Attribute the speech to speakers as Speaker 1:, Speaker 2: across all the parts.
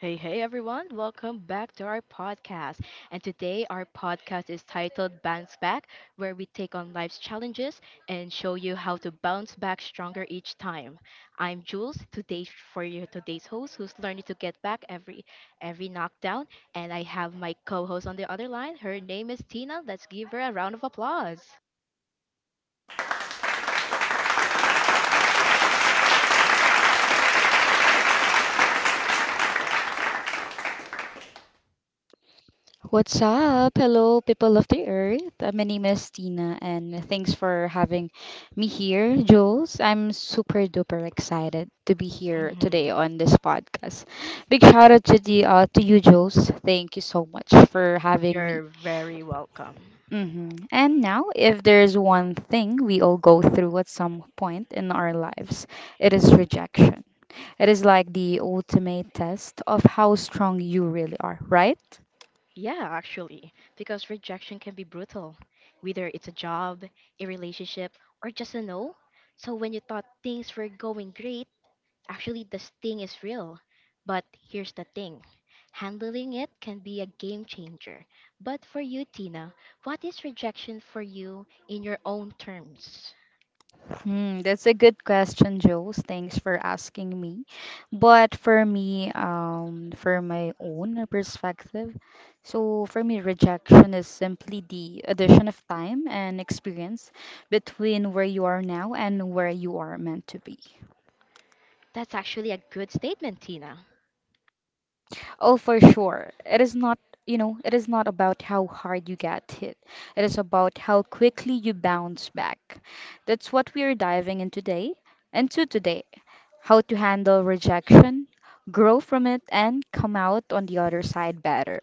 Speaker 1: Hey, hey everyone, welcome back to our podcast. And today our podcast is titled Bounce Back, where we take on life's challenges and show you how to bounce back stronger each time. I'm Jules, today for you today's host who's learning to get back every knockdown, and I have my co-host on the other line. Her name is Tina. Let's give her a round of applause.
Speaker 2: What's up? Hello, people of the earth. My name is Tina, and thanks for having me here, Jules. I'm super duper excited to be here
Speaker 1: Mhm.
Speaker 2: today on this podcast. Big shout out to the to you, Jules. Thank you so much for having me.
Speaker 1: You're very welcome.
Speaker 2: And now, if there's one thing we all go through at some point in our lives, it is rejection. It is like the ultimate test of how strong you really are, right?
Speaker 1: Yeah, actually, because rejection can be brutal, whether it's a job, a relationship, or just a no. So when you thought things were going great, actually the sting is real. But here's the thing handling it can be a game changer. But for you, Tina, what is rejection for you in your own terms?
Speaker 2: Hmm, that's a good question, Jules. Thanks for asking me. But for me, for my own perspective, so for me, rejection is simply the addition of time and experience between where you are now and where you are meant to be.
Speaker 1: That's actually a good statement, Tina.
Speaker 2: Oh, for sure. It is not, it is not about how hard you get hit. It is about how quickly you bounce back. That's what we are diving in today into today. How to handle rejection, grow from it, and come out on the other side better.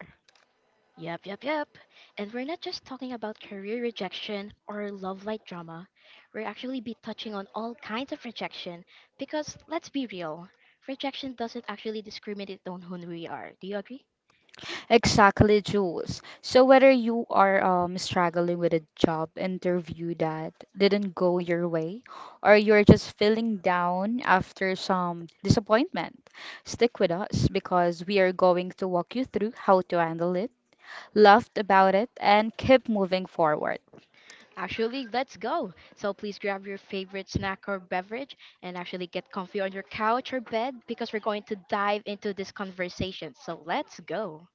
Speaker 1: Yep, yep, yep. And we're not just talking about career rejection or love light drama. We're actually be touching on all kinds of rejection because let's be real, rejection doesn't actually discriminate on who we are. Do you agree?
Speaker 2: Exactly, Jules. So whether you are struggling with a job interview that didn't go your way, or you're just feeling down after some disappointment, stick with us because we are going to walk you through how to handle it, laugh about it, and keep moving forward.
Speaker 1: Actually, let's go. So please grab your favorite snack or beverage and actually get comfy on your couch or bed because we're going to dive into this conversation. So let's go.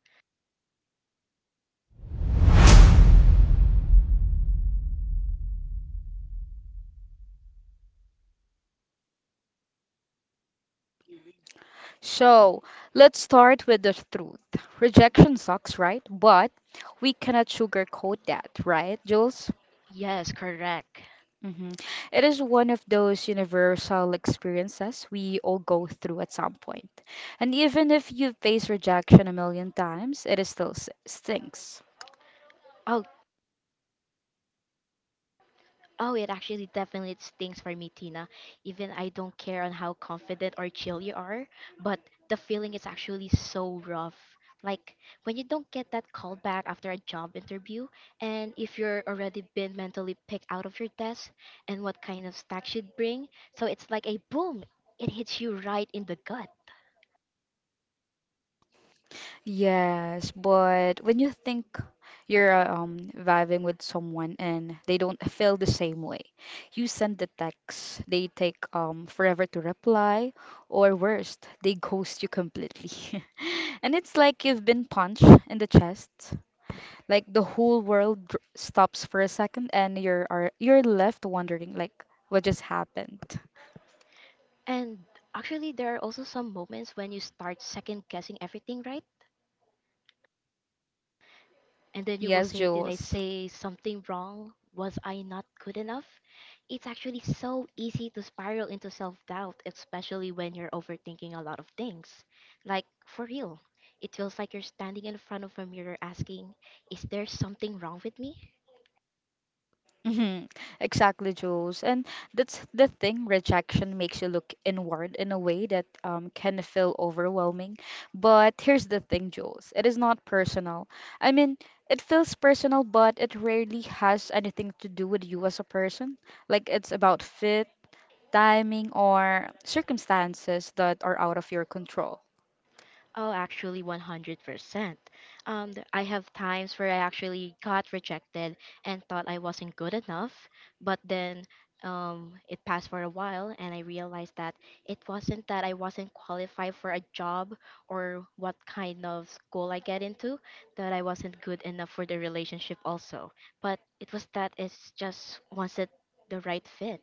Speaker 2: So let's start with the truth. Rejection sucks, right? But we cannot sugarcoat that, right, Jules?
Speaker 1: Yes, correct.
Speaker 2: Mhm. It is one of those universal experiences we all go through at some point. And even if you face rejection a million times, it is still stinks.
Speaker 1: Oh. Oh, it actually definitely stings for me, Tina. Even I don't care on how confident or chill you are, but the feeling is actually so rough. Like when you don't get that call back after a job interview, and if you're already been mentally picked out of your desk and what kind of stack should bring, so it's like a boom, it hits you right in the gut.
Speaker 2: Yes, but when you think you're vibing with someone and they don't feel the same way, you send the text, they take forever to reply, or worst, they ghost you completely. And it's like you've been punched in the chest. Like the whole world stops for a second and you're left wondering like what just happened.
Speaker 1: And actually, there are also some moments when you start second guessing everything, right? And then you will
Speaker 2: Yes,
Speaker 1: say, did I
Speaker 2: Jules.
Speaker 1: say something wrong? Was I not good enough? It's actually so easy to spiral into self doubt, especially when you're overthinking a lot of things. Like, for real, it feels like you're standing in front of a mirror asking, is there something wrong with me?
Speaker 2: Mhm. Exactly, Jules. And that's the thing, rejection makes you look inward in a way that can feel overwhelming. But here's the thing, Jules, it is not personal. I mean, it feels personal, but it rarely has anything to do with you as a person. Like, it's about fit, timing, or circumstances that are out of your control.
Speaker 1: Oh, actually, 100%. I have times where I actually got rejected and thought I wasn't good enough, but then it passed for a while and I realized that it wasn't that I wasn't qualified for a job or what kind of school I get into, that I wasn't good enough for the relationship also. But it was that it's just wasn't the right fit.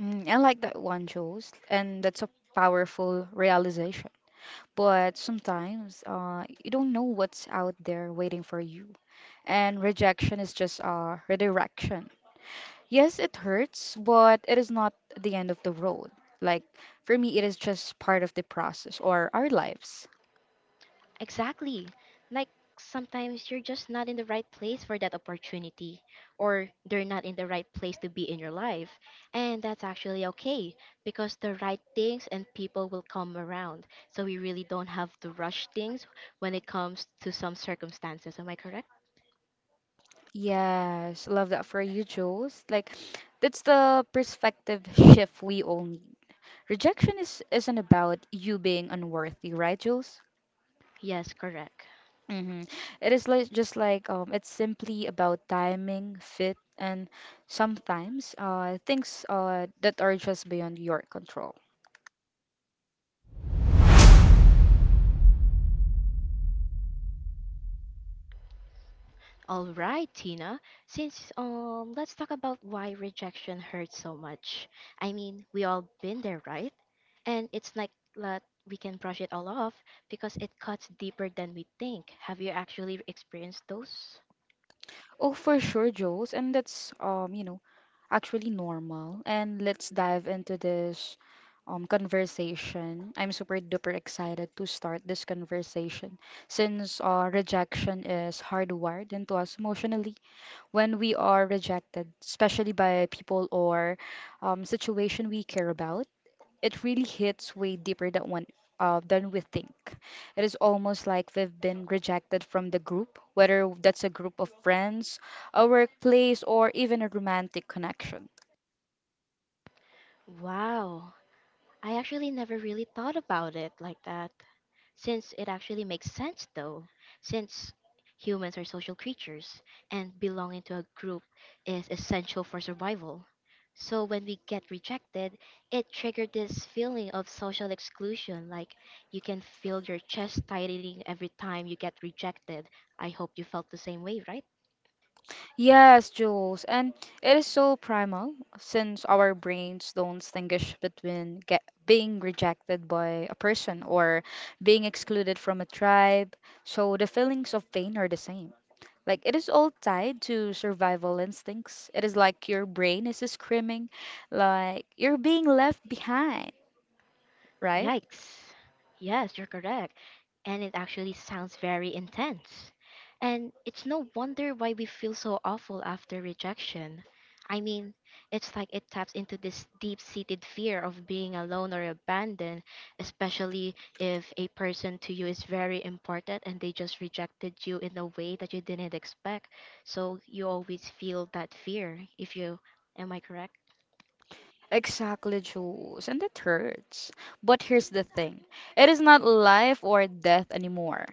Speaker 2: Mm, I like that one, Jules, and that's a powerful realization. But sometimes you don't know what's out there waiting for you. And rejection is just a redirection. Yes, it hurts, but it is not the end of the road. Like, for me, it is just part of the process or our lives.
Speaker 1: Exactly. Like sometimes you're just not in the right place for that opportunity, or they're not in the right place to be in your life. And that's actually okay because the right things and people will come around. So we really don't have to rush things when it comes to some circumstances. Am I correct?
Speaker 2: Yes, love that for you, Jules. Like, that's the perspective shift we all need. Rejection is, isn't about you being unworthy, right, Jules?
Speaker 1: Yes, correct.
Speaker 2: Mm-hmm. It is like just like it's simply about timing, fit, and sometimes things that are just beyond your control.
Speaker 1: All right, Tina. Since let's talk about why rejection hurts so much. I mean, we all been there, right? And it's like that we can brush it all off because it cuts deeper than we think. Have you actually experienced those?
Speaker 2: Oh, for sure, Jules, and that's actually normal. And let's dive into this conversation. I'm super duper excited to start this conversation since rejection is hardwired into us emotionally. When we are rejected, especially by people or situation we care about, it really hits way deeper than one than we think. It is almost like we've been rejected from the group, whether that's a group of friends, a workplace, or even a romantic connection.
Speaker 1: Wow. I actually never really thought about it like that. Since it actually makes sense, though, since humans are social creatures and belonging to a group is essential for survival. So when we get rejected, it triggered this feeling of social exclusion, like you can feel your chest tightening every time you get rejected. I hope you felt the same way, right?
Speaker 2: Yes, Jules, and it is so primal since our brains don't distinguish between being rejected by a person or being excluded from a tribe, so the feelings of pain are the same. Like it is all tied to survival instincts. It is like your brain is screaming, like you're being left behind, right?
Speaker 1: Yikes. Yes, you're correct. And it actually sounds very intense. And it's no wonder why we feel so awful after rejection. I mean, it's like it taps into this deep seated fear of being alone or abandoned, especially if a person to you is very important and they just rejected you in a way that you didn't expect. So you always feel that fear, if you, am I correct?
Speaker 2: Exactly, Jules, and it hurts. But here's the thing, it is not life or death anymore.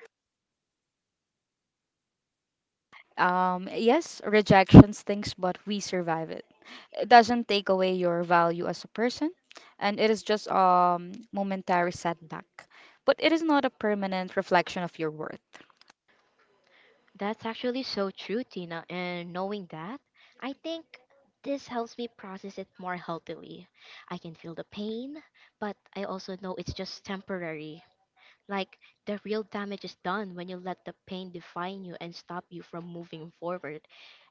Speaker 2: Yes, rejection stinks, but we survive it. It doesn't take away your value as a person, and it is just momentary setback. But it is not a permanent reflection of your worth.
Speaker 1: That's actually so true, Tina. And knowing that, I think this helps me process it more healthily. I can feel the pain, but I also know it's just temporary. Like, the real damage is done when you let the pain define you and stop you from moving forward.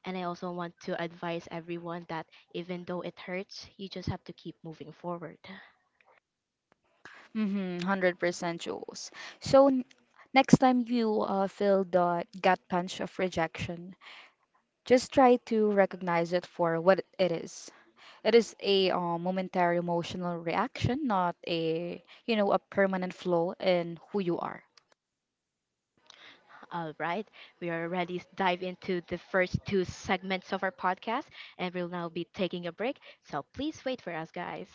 Speaker 1: And I also want to advise everyone that even though it hurts, you just have to keep moving forward.
Speaker 2: Mm-hmm, 100% Jules. So, next time you feel the gut punch of rejection, just try to recognize it for what it is. It is a momentary emotional reaction, not a permanent flaw in who you are.
Speaker 1: All right, we are ready to dive into the first two segments of our podcast, and we'll now be taking a break. So please wait for us, guys.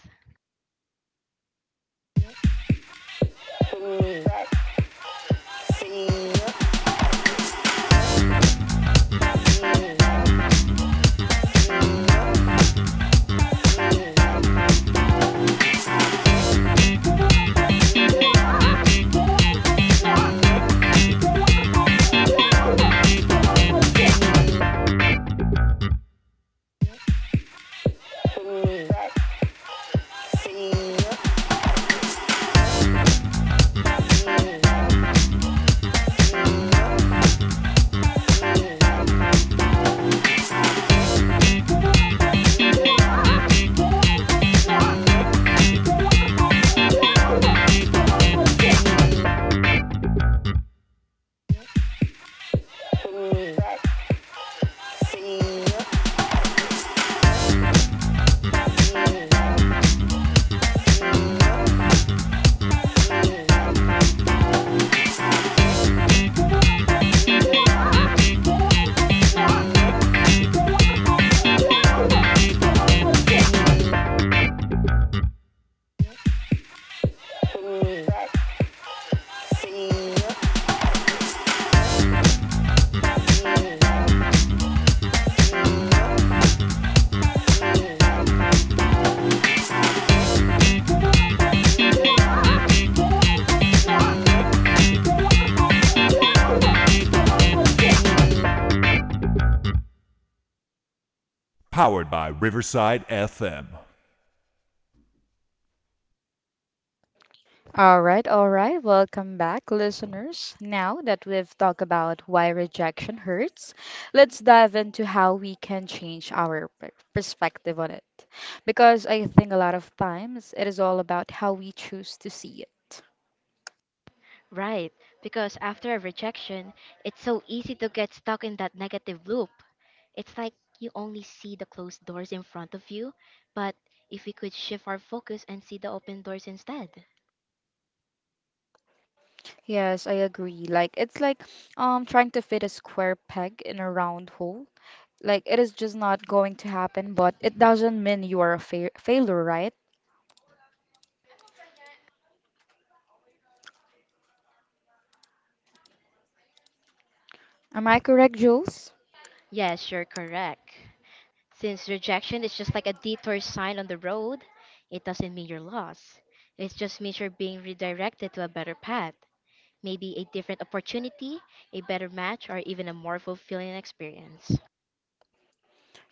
Speaker 2: All right, all right. Welcome back, listeners. Now that we've talked about why rejection hurts, let's dive into how we can change our perspective on it. Because I think a lot of times it is all about how we choose to see it.
Speaker 1: Right, because after a rejection, it's so easy to get stuck in that negative loop. It's like you only see the closed doors in front of you, but if we could shift our focus and see the open doors instead.
Speaker 2: Yes, I agree. Like it's like trying to fit a square peg in a round hole. Like it is just not going to happen, but it doesn't mean you are a fa failure, right? Am I correct, Jules?
Speaker 1: Yes, you're correct. Since rejection is just like a detour sign on the road, it doesn't mean you're lost. It just means you're being redirected to a better path, maybe a different opportunity, a better match, or even a more fulfilling experience.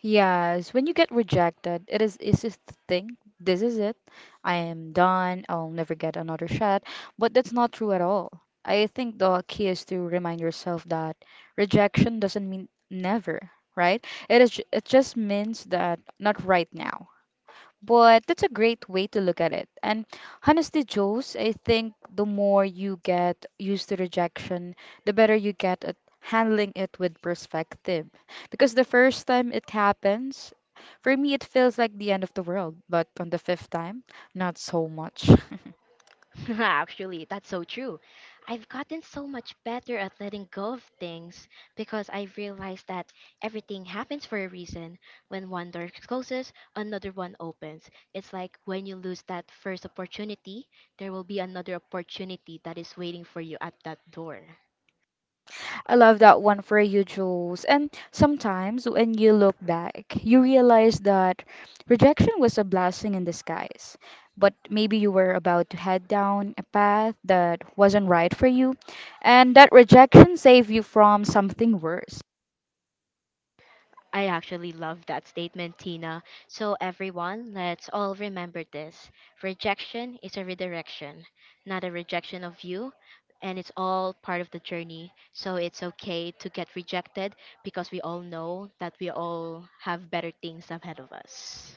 Speaker 2: Yes, when you get rejected, it is easy to think, this is it. I am done. I'll never get another shot. But that's not true at all. I think the key is to remind yourself that rejection doesn't mean never, right? It is, it just means that not right now. But that's a great way to look at it. And honestly, Jules, I think the more you get used to rejection, the better you get at handling it with perspective. Because the first time it happens, for me, it feels like the end of the world. But on the fifth time, not so much.
Speaker 1: Actually, that's so true. I've gotten so much better at letting go of things because I've realized that everything happens for a reason. When one door closes, another one opens. It's like when you lose that first opportunity, there will be another opportunity that is waiting for you at that door.
Speaker 2: I love that one for you, Jules. And sometimes when you look back, you realize that rejection was a blessing in disguise. But maybe you were about to head down a path that wasn't right for you, and that rejection saved you from something worse.
Speaker 1: I actually love that statement, Tina. So, everyone, let's all remember this. Rejection is a redirection, not a rejection of you, and it's all part of the journey. So, it's okay to get rejected because we all know that we all have better things ahead of us.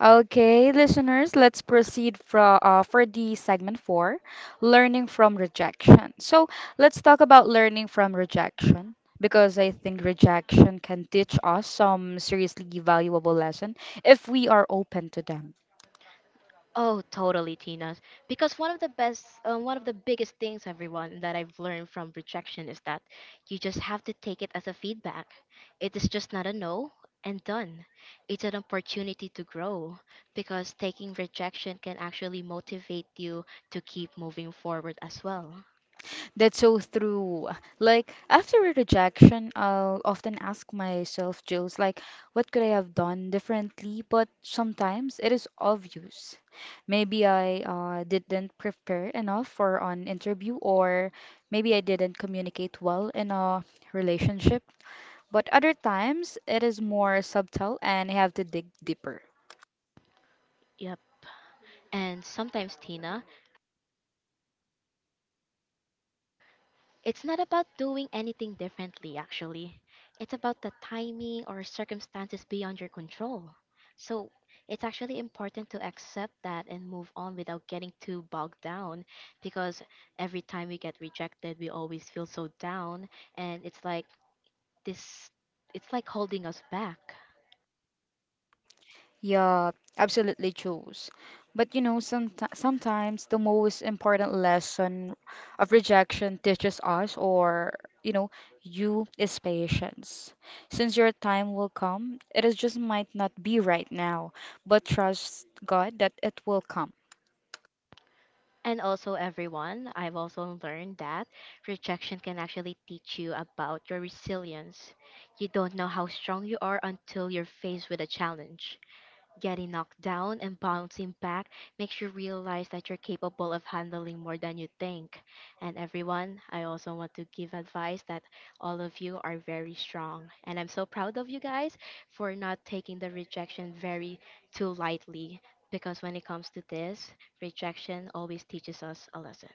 Speaker 2: Okay, listeners, let's proceed for the segment four, learning from rejection. So let's talk about learning from rejection because I think rejection can teach us some seriously valuable lesson if we are open to them.
Speaker 1: Oh, totally, Tina. Because one of the best, one of the biggest things, everyone, that I've learned from rejection is that you just have to take it as a feedback. It is just not a no and done. It's an opportunity to grow because taking rejection can actually motivate you to keep moving forward as well.
Speaker 2: That's so true. Like after a rejection, I'll often ask myself, Jules, like, what could I have done differently? But sometimes it is obvious. Maybe I didn't prepare enough for an interview, or maybe I didn't communicate well in a relationship. But other times, it is more subtle, and I have to dig deeper.
Speaker 1: Yep. And sometimes, Tina, it's not about doing anything differently, actually. It's about the timing or circumstances beyond your control. So it's actually important to accept that and move on without getting too bogged down because every time we get rejected, we always feel so down and it's like this it's like holding us back.
Speaker 2: Yeah, absolutely, Jules. But you know, sometimes the most important lesson of rejection teaches us, or you know, you is patience. Since your time will come, it is just might not be right now, but trust God that it will come.
Speaker 1: And also, everyone, I've also learned that rejection can actually teach you about your resilience. You don't know how strong you are until you're faced with a challenge. Getting knocked down and bouncing back makes you realize that you're capable of handling more than you think. And everyone, I also want to give advice that all of you are very strong. And I'm so proud of you guys for not taking the rejection very too lightly because when it comes to this, rejection always teaches us a lesson.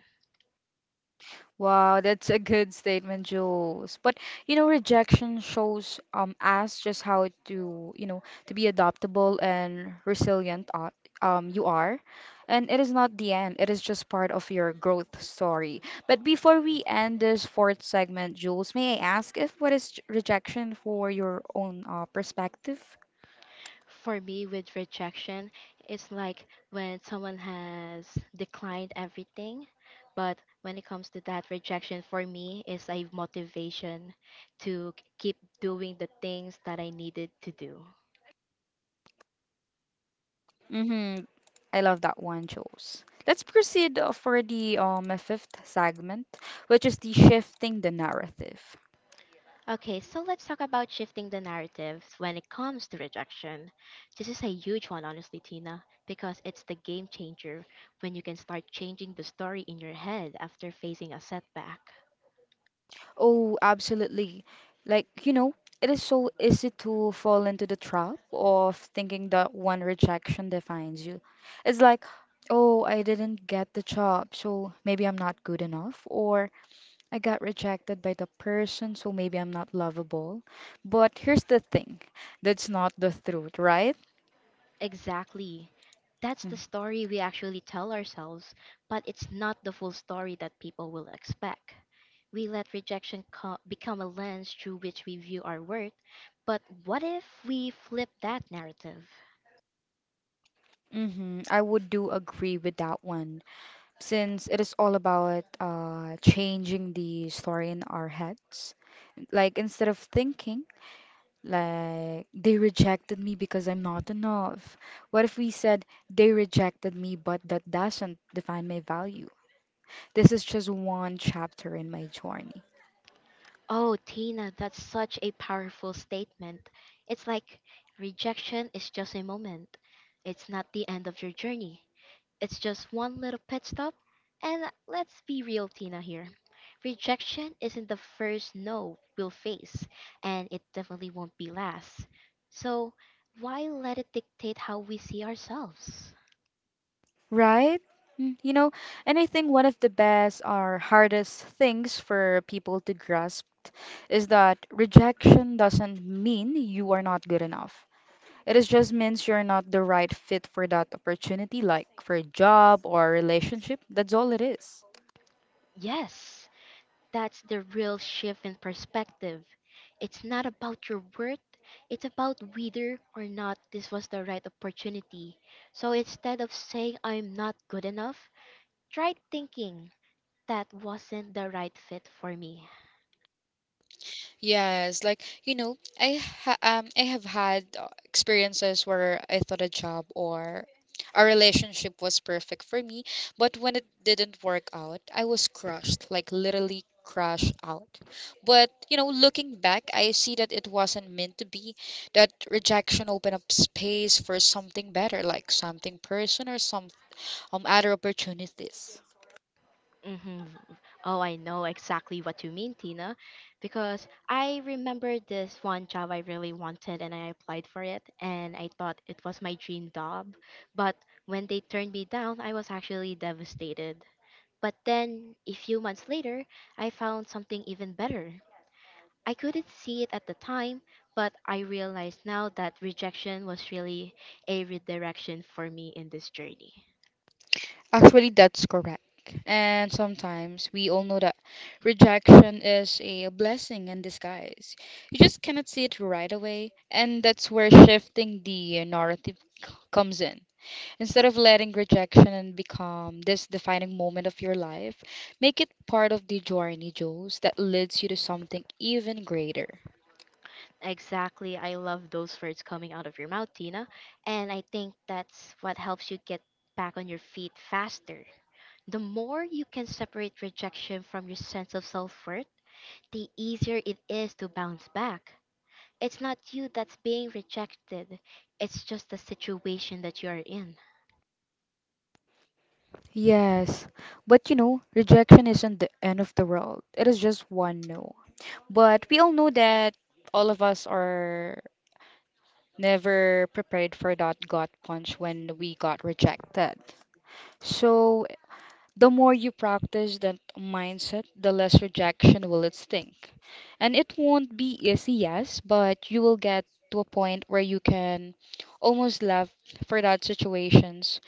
Speaker 2: Wow, that's a good statement, Jules. But you know, rejection shows us just how to, you know, to be adaptable and resilient you are. And it is not the end, it is just part of your growth story. But before we end this fourth segment, Jules, may I ask if what is rejection for your own perspective?
Speaker 1: For me, with rejection, it's like when someone has declined everything. But when it comes to that rejection, for me, is a motivation to keep doing the things that I needed to do.
Speaker 2: Mm-hmm. I love that one, Jules. Let's proceed for the fifth segment, which is the shifting the narrative.
Speaker 1: Okay, so let's talk about shifting the narrative when it comes to rejection. This is a huge one, honestly, Tina, because it's the game changer when you can start changing the story in your head after facing a setback.
Speaker 2: Oh, absolutely. Like, you know, it is so easy to fall into the trap of thinking that one rejection defines you. It's like, oh, I didn't get the job, so maybe I'm not good enough, or I got rejected by the person, so maybe I'm not lovable. But here's the thing, that's not the truth, right?
Speaker 1: Exactly. That's the story we actually tell ourselves, but it's not the full story that people will expect. We let rejection become a lens through which we view our worth, but what if we flip that narrative?
Speaker 2: I would do agree with that one, since it is all about changing the story in our heads. Like instead of thinking like they rejected me because I'm not enough, what if we said they rejected me, but that doesn't define my value? This is just one chapter in my journey.
Speaker 1: Oh, Tina, that's such a powerful statement. It's like rejection is just a moment, it's not the end of your journey. It's just one little pit stop. And let's be real, Tina, here. Rejection isn't the first no we'll face, and it definitely won't be last. So, why let it dictate how we see ourselves?
Speaker 2: Right? Mm, you know, and I think one of the best or hardest things for people to grasp is that rejection doesn't mean you are not good enough. It is just means you're not the right fit for that opportunity, like for a job or a relationship. That's all it is.
Speaker 1: Yes, that's the real shift in perspective. It's not about your worth, it's about whether or not this was the right opportunity. So instead of saying I'm not good enough, try thinking that wasn't the right fit for me.
Speaker 2: Yes, like you know, I have had experiences where I thought a job or a relationship was perfect for me, but when it didn't work out, I was crushed, like literally crushed out. But you know, looking back, I see that it wasn't meant to be. That rejection opened up space for something better, like something person or some other opportunities.
Speaker 1: Mm-hmm. Oh, I know exactly what you mean, Tina, because I remember this one job I really wanted and I applied for it and I thought it was my dream job. But when they turned me down, I was actually devastated. But then, a few months later, I found something even better. I couldn't see it at the time, but I realized now that rejection was really a redirection for me in this journey.
Speaker 2: Actually, that's correct. And sometimes we all know that rejection is a blessing in disguise. You just cannot see it right away, and that's where shifting the narrative comes in. Instead of letting rejection and become this defining moment of your life, make it part of the journey, Jules, that leads you to something even greater.
Speaker 1: Exactly. I love those words coming out of your mouth, Tina. And I think that's what helps you get back on your feet faster. The more you can separate rejection from your sense of self worth, the easier it is to bounce back. It's not you that's being rejected, it's just the situation that you are in.
Speaker 2: Yes, but you know, rejection isn't the end of the world. It is just one no. But we all know that all of us are never prepared for that gut punch when we got rejected. So, the more you practice that mindset, the less rejection will it stink. And it won't be easy, yes, but you will get to a point where you can almost laugh for that situations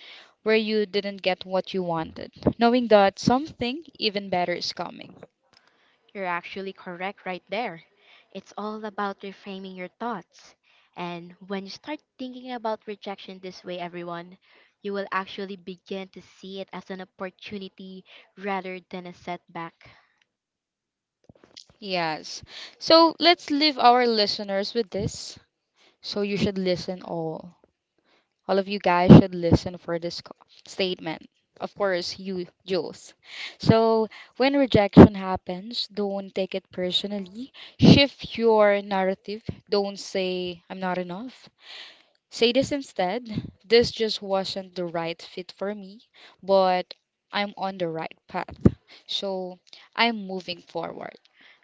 Speaker 2: where you didn't get what you wanted, knowing that something even better is coming.
Speaker 1: You're actually correct right there. It's all about reframing your thoughts. And when you start thinking about rejection this way, everyone, you will actually begin to see it as an opportunity rather than a setback.
Speaker 2: Yes. So let's leave our listeners with this. So you should listen all. All of you guys should listen for this statement. Of course, you, Jules. So when rejection happens, don't take it personally. Shift your narrative. Don't say, I'm not enough. Say this instead. This just wasn't the right fit for me, but I'm on the right path. So I'm moving forward.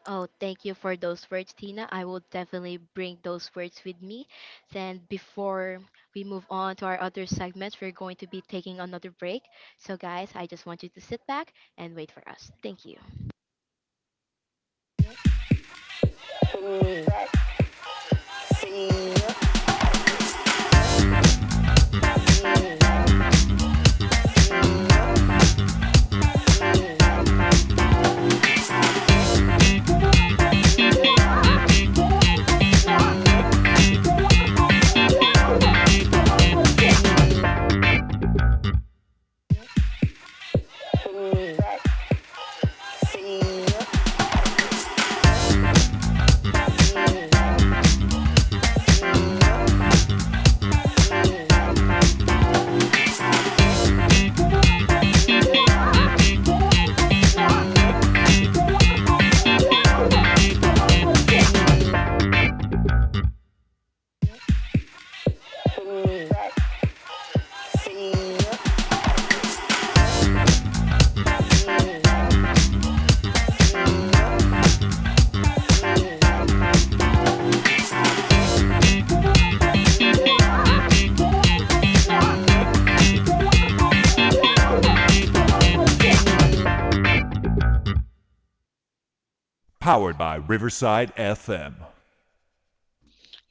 Speaker 1: Oh, thank you for those words, Tina. I will definitely bring those words with me. Then, before we move on to our other segments, we're going to be taking another break. So, guys, I just want you to sit back and wait for us. Thank you.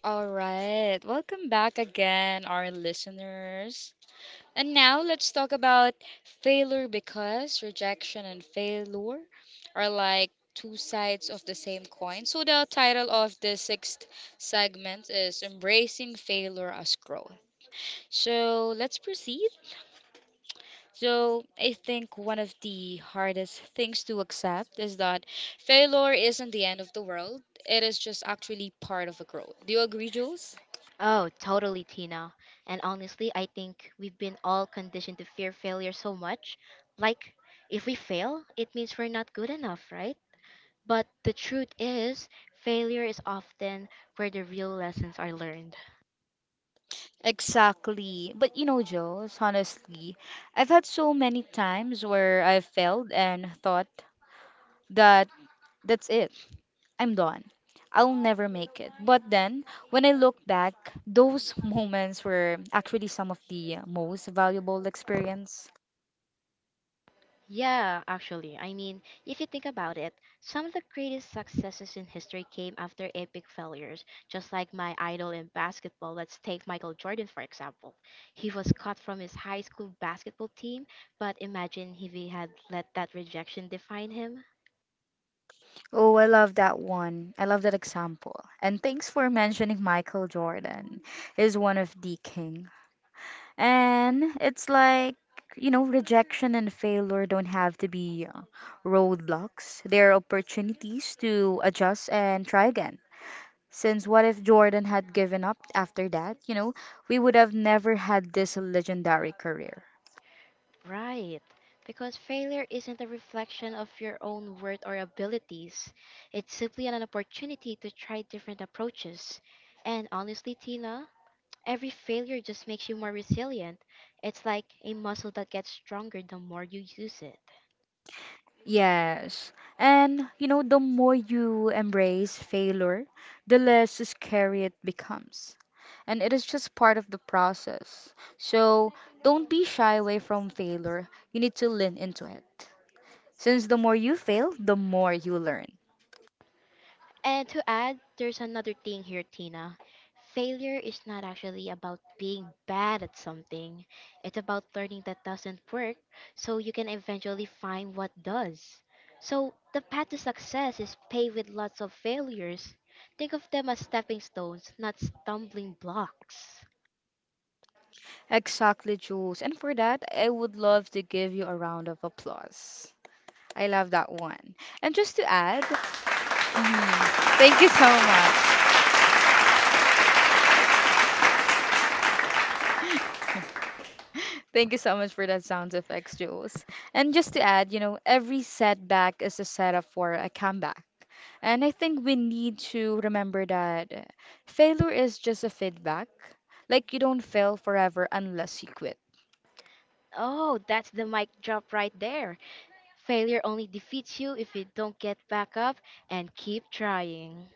Speaker 2: All right. Welcome back again, our listeners. And now let's talk about failure because rejection and failure are like two sides of the same coin. So the title of the sixth segment is Embracing Failure as Growth. So let's proceed. So I think one of the hardest things to accept is that failure isn't the end of the world. It is just actually part of a growth. Do you agree, Jules?
Speaker 1: Oh, totally, Tina. And honestly, I think we've been all conditioned to fear failure so much. Like, if we fail, it means we're not good enough, right? But the truth is, failure is often where the real lessons are learned.
Speaker 2: Exactly. But you know, Jules, honestly, I've had so many times where I've failed and thought that that's it, I'm done. I'll never make it. But then, when I look back, those moments were actually some of the most valuable experience.
Speaker 1: Yeah, actually. I mean, if you think about it, some of the greatest successes in history came after epic failures, just like my idol in basketball. Let's take Michael Jordan, for example. He was cut from his high school basketball team, but imagine if he had let that rejection define him.
Speaker 2: Oh, I love that one. I love that example. And thanks for mentioning Michael Jordan. He's one of the king. And it's like, you know, rejection and failure don't have to be roadblocks. They are opportunities to adjust and try again. Since what if Jordan had given up after that, you know, we would have never had this legendary career.
Speaker 1: Right. Because failure isn't a reflection of your own worth or abilities. It's simply an opportunity to try different approaches. And honestly, Tina, every failure just makes you more resilient. It's like a muscle that gets stronger the more you use it.
Speaker 2: Yes. And you know, the more you embrace failure, the less scary it becomes. And it is just part of the process. So don't be shy away from failure. You need to lean into it. Since the more you fail, the more you learn.
Speaker 1: And to add, there's another thing here, Tina. Failure is not actually about being bad at something. It's about learning that doesn't work so you can eventually find what does. So, the path to success is paved with lots of failures. Think of them as stepping stones, not stumbling blocks.
Speaker 2: Exactly, Jules. And for that, I would love to give you a round of applause. I love that one. And just to add, mhm, thank you so much. Thank you so much for that sound effects, Jules. And just to add, you know, every setback is a setup for a comeback. And I think we need to remember that failure is just a feedback. Like you don't fail forever unless you quit.
Speaker 1: Oh, that's the mic drop right there. Failure only defeats you if you don't get back up and keep trying.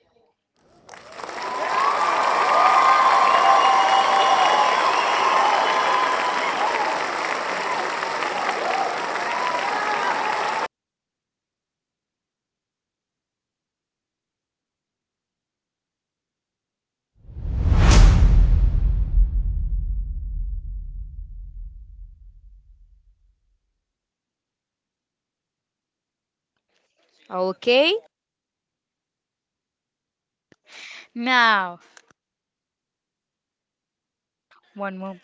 Speaker 2: Okay? Now, one more.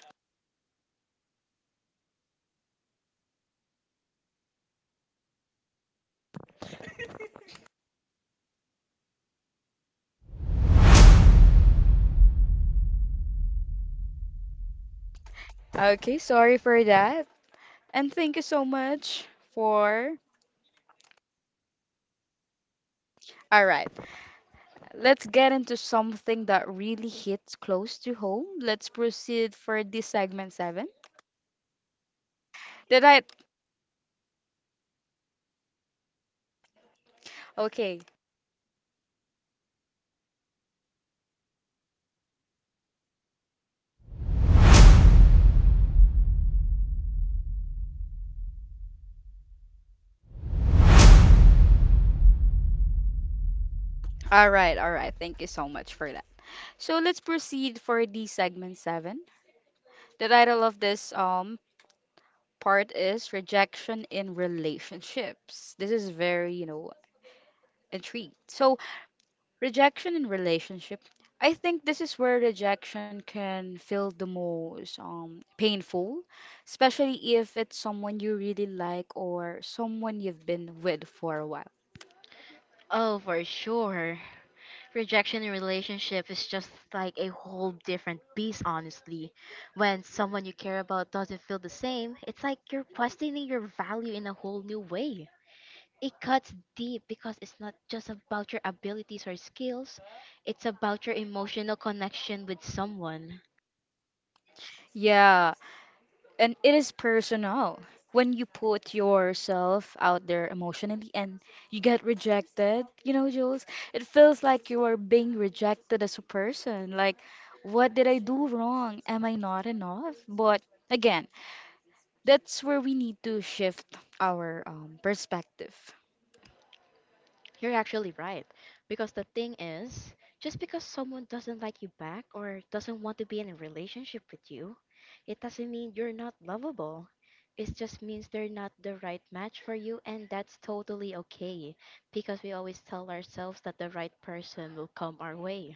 Speaker 2: Okay, sorry for that. And thank you so much for. All right, let's get into something that really hits close to home. Let's proceed for this segment seven. Did I? Okay, all right, all right. Thank you so much for that. So let's proceed for the segment seven. The title of this part is rejection in relationships. This is very, you know, intrigued. So rejection in relationship. I think this is where rejection can feel the most painful, especially if it's someone you really like or someone you've been with for a while.
Speaker 1: Oh, for sure. Rejection in relationship is just like a whole different beast, honestly. When someone you care about doesn't feel the same, it's like you're questioning your value in a whole new way. It cuts deep because it's not just about your abilities or skills, it's about your emotional connection with someone.
Speaker 2: Yeah, and it is personal. When you put yourself out there emotionally and you get rejected, you know, Jules, it feels like you are being rejected as a person. Like, what did I do wrong? Am I not enough? But again, that's where we need to shift our perspective.
Speaker 1: You're actually right. Because the thing is, just because someone doesn't like you back or doesn't want to be in a relationship with you, it doesn't mean you're not lovable. It just means they're not the right match for you, and that's totally okay because we always tell ourselves that the right person will come our way.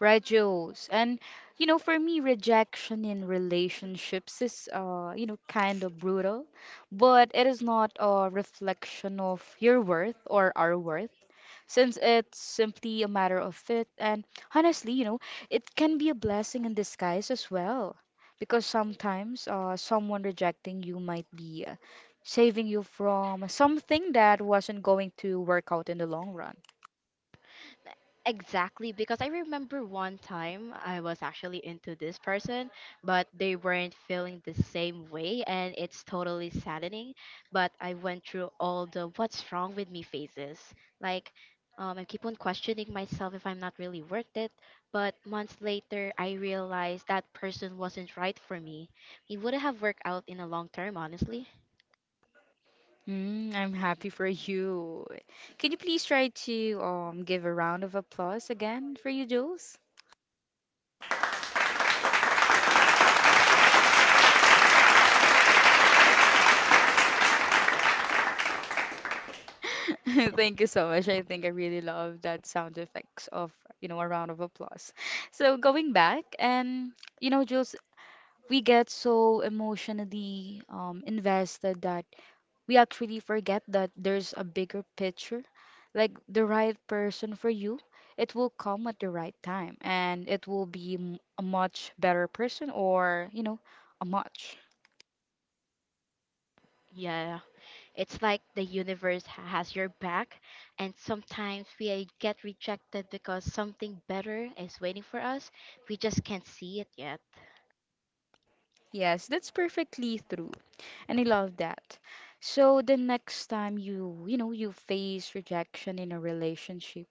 Speaker 2: Right, Jules. And you know, for me, rejection in relationships is, you know, kind of brutal, but it is not a reflection of your worth or our worth, since it's simply a matter of fit. And honestly, you know, it can be a blessing in disguise as well, because sometimes, someone rejecting you might be saving you from something that wasn't going to work out in the long run.
Speaker 1: Exactly, because I remember one time I was actually into this person, but they weren't feeling the same way, and it's totally saddening. But I went through all the what's wrong with me phases. Like, I keep on questioning myself if I'm not really worth it. But months later, I realized that person wasn't right for me. It wouldn't have worked out in the long term, honestly.
Speaker 2: Mm, I'm happy for you. Can you please try to give a round of applause again for you, Jules? Thank you so much. I think I really love that sound effects of, you know, a round of applause. So going back and you know, Jules, we get so emotionally invested that we actually forget that there's a bigger picture. Like the right person for you, it will come at the right time and it will be a much better person or, you know, a much.
Speaker 1: Yeah. It's like the universe has your back, and sometimes we get rejected because something better is waiting for us. We just can't see it yet.
Speaker 2: Yes, that's perfectly true. And I love that. So the next time you, you know, you face rejection in a relationship,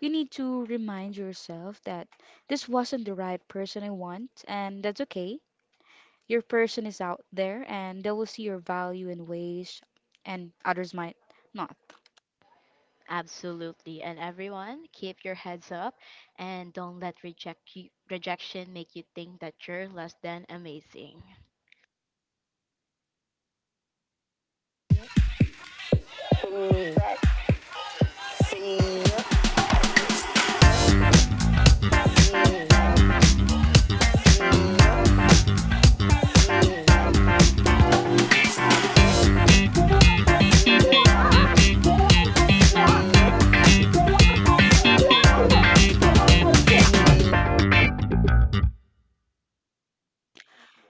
Speaker 2: you need to remind yourself that this wasn't the right person I want, and that's okay. Your person is out there and they will see your value in ways and others might not.
Speaker 1: Absolutely. And everyone, keep your heads up and don't let rejection make you think that you're less than amazing.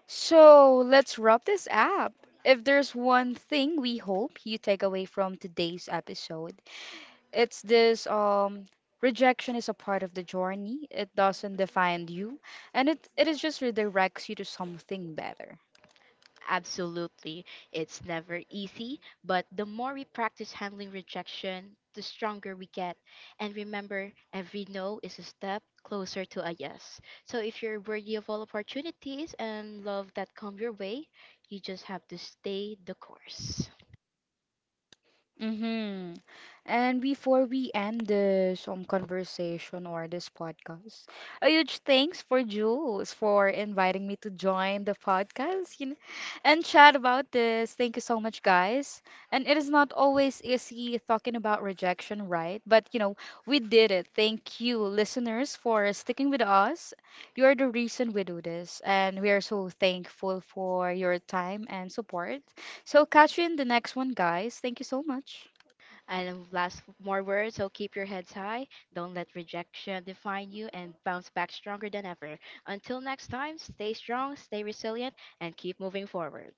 Speaker 2: So let's wrap this up. If there's one thing we hope you take away from today's episode, it's this rejection is a part of the journey. It doesn't define you and it is just redirects you to something better.
Speaker 1: Absolutely. It's never easy, but the more we practice handling rejection, the stronger we get. And remember, every no is a step closer to a yes. So if you're worthy of all opportunities and love that come your way, you just have to stay the course.
Speaker 2: Mm-hmm. And before we end this conversation or this podcast, a huge thanks for Jules for inviting me to join the podcast, you know, and chat about this. Thank you so much, guys. And it is not always easy talking about rejection, right? But you know, we did it. Thank you, listeners, for sticking with us. You are the reason we do this, and we are so thankful for your time and support. So catch you in the next one, guys. Thank you so much.
Speaker 1: And last more words, so keep your heads high, don't let rejection define you and bounce back stronger than ever. Until next time, stay strong, stay resilient and keep moving forward.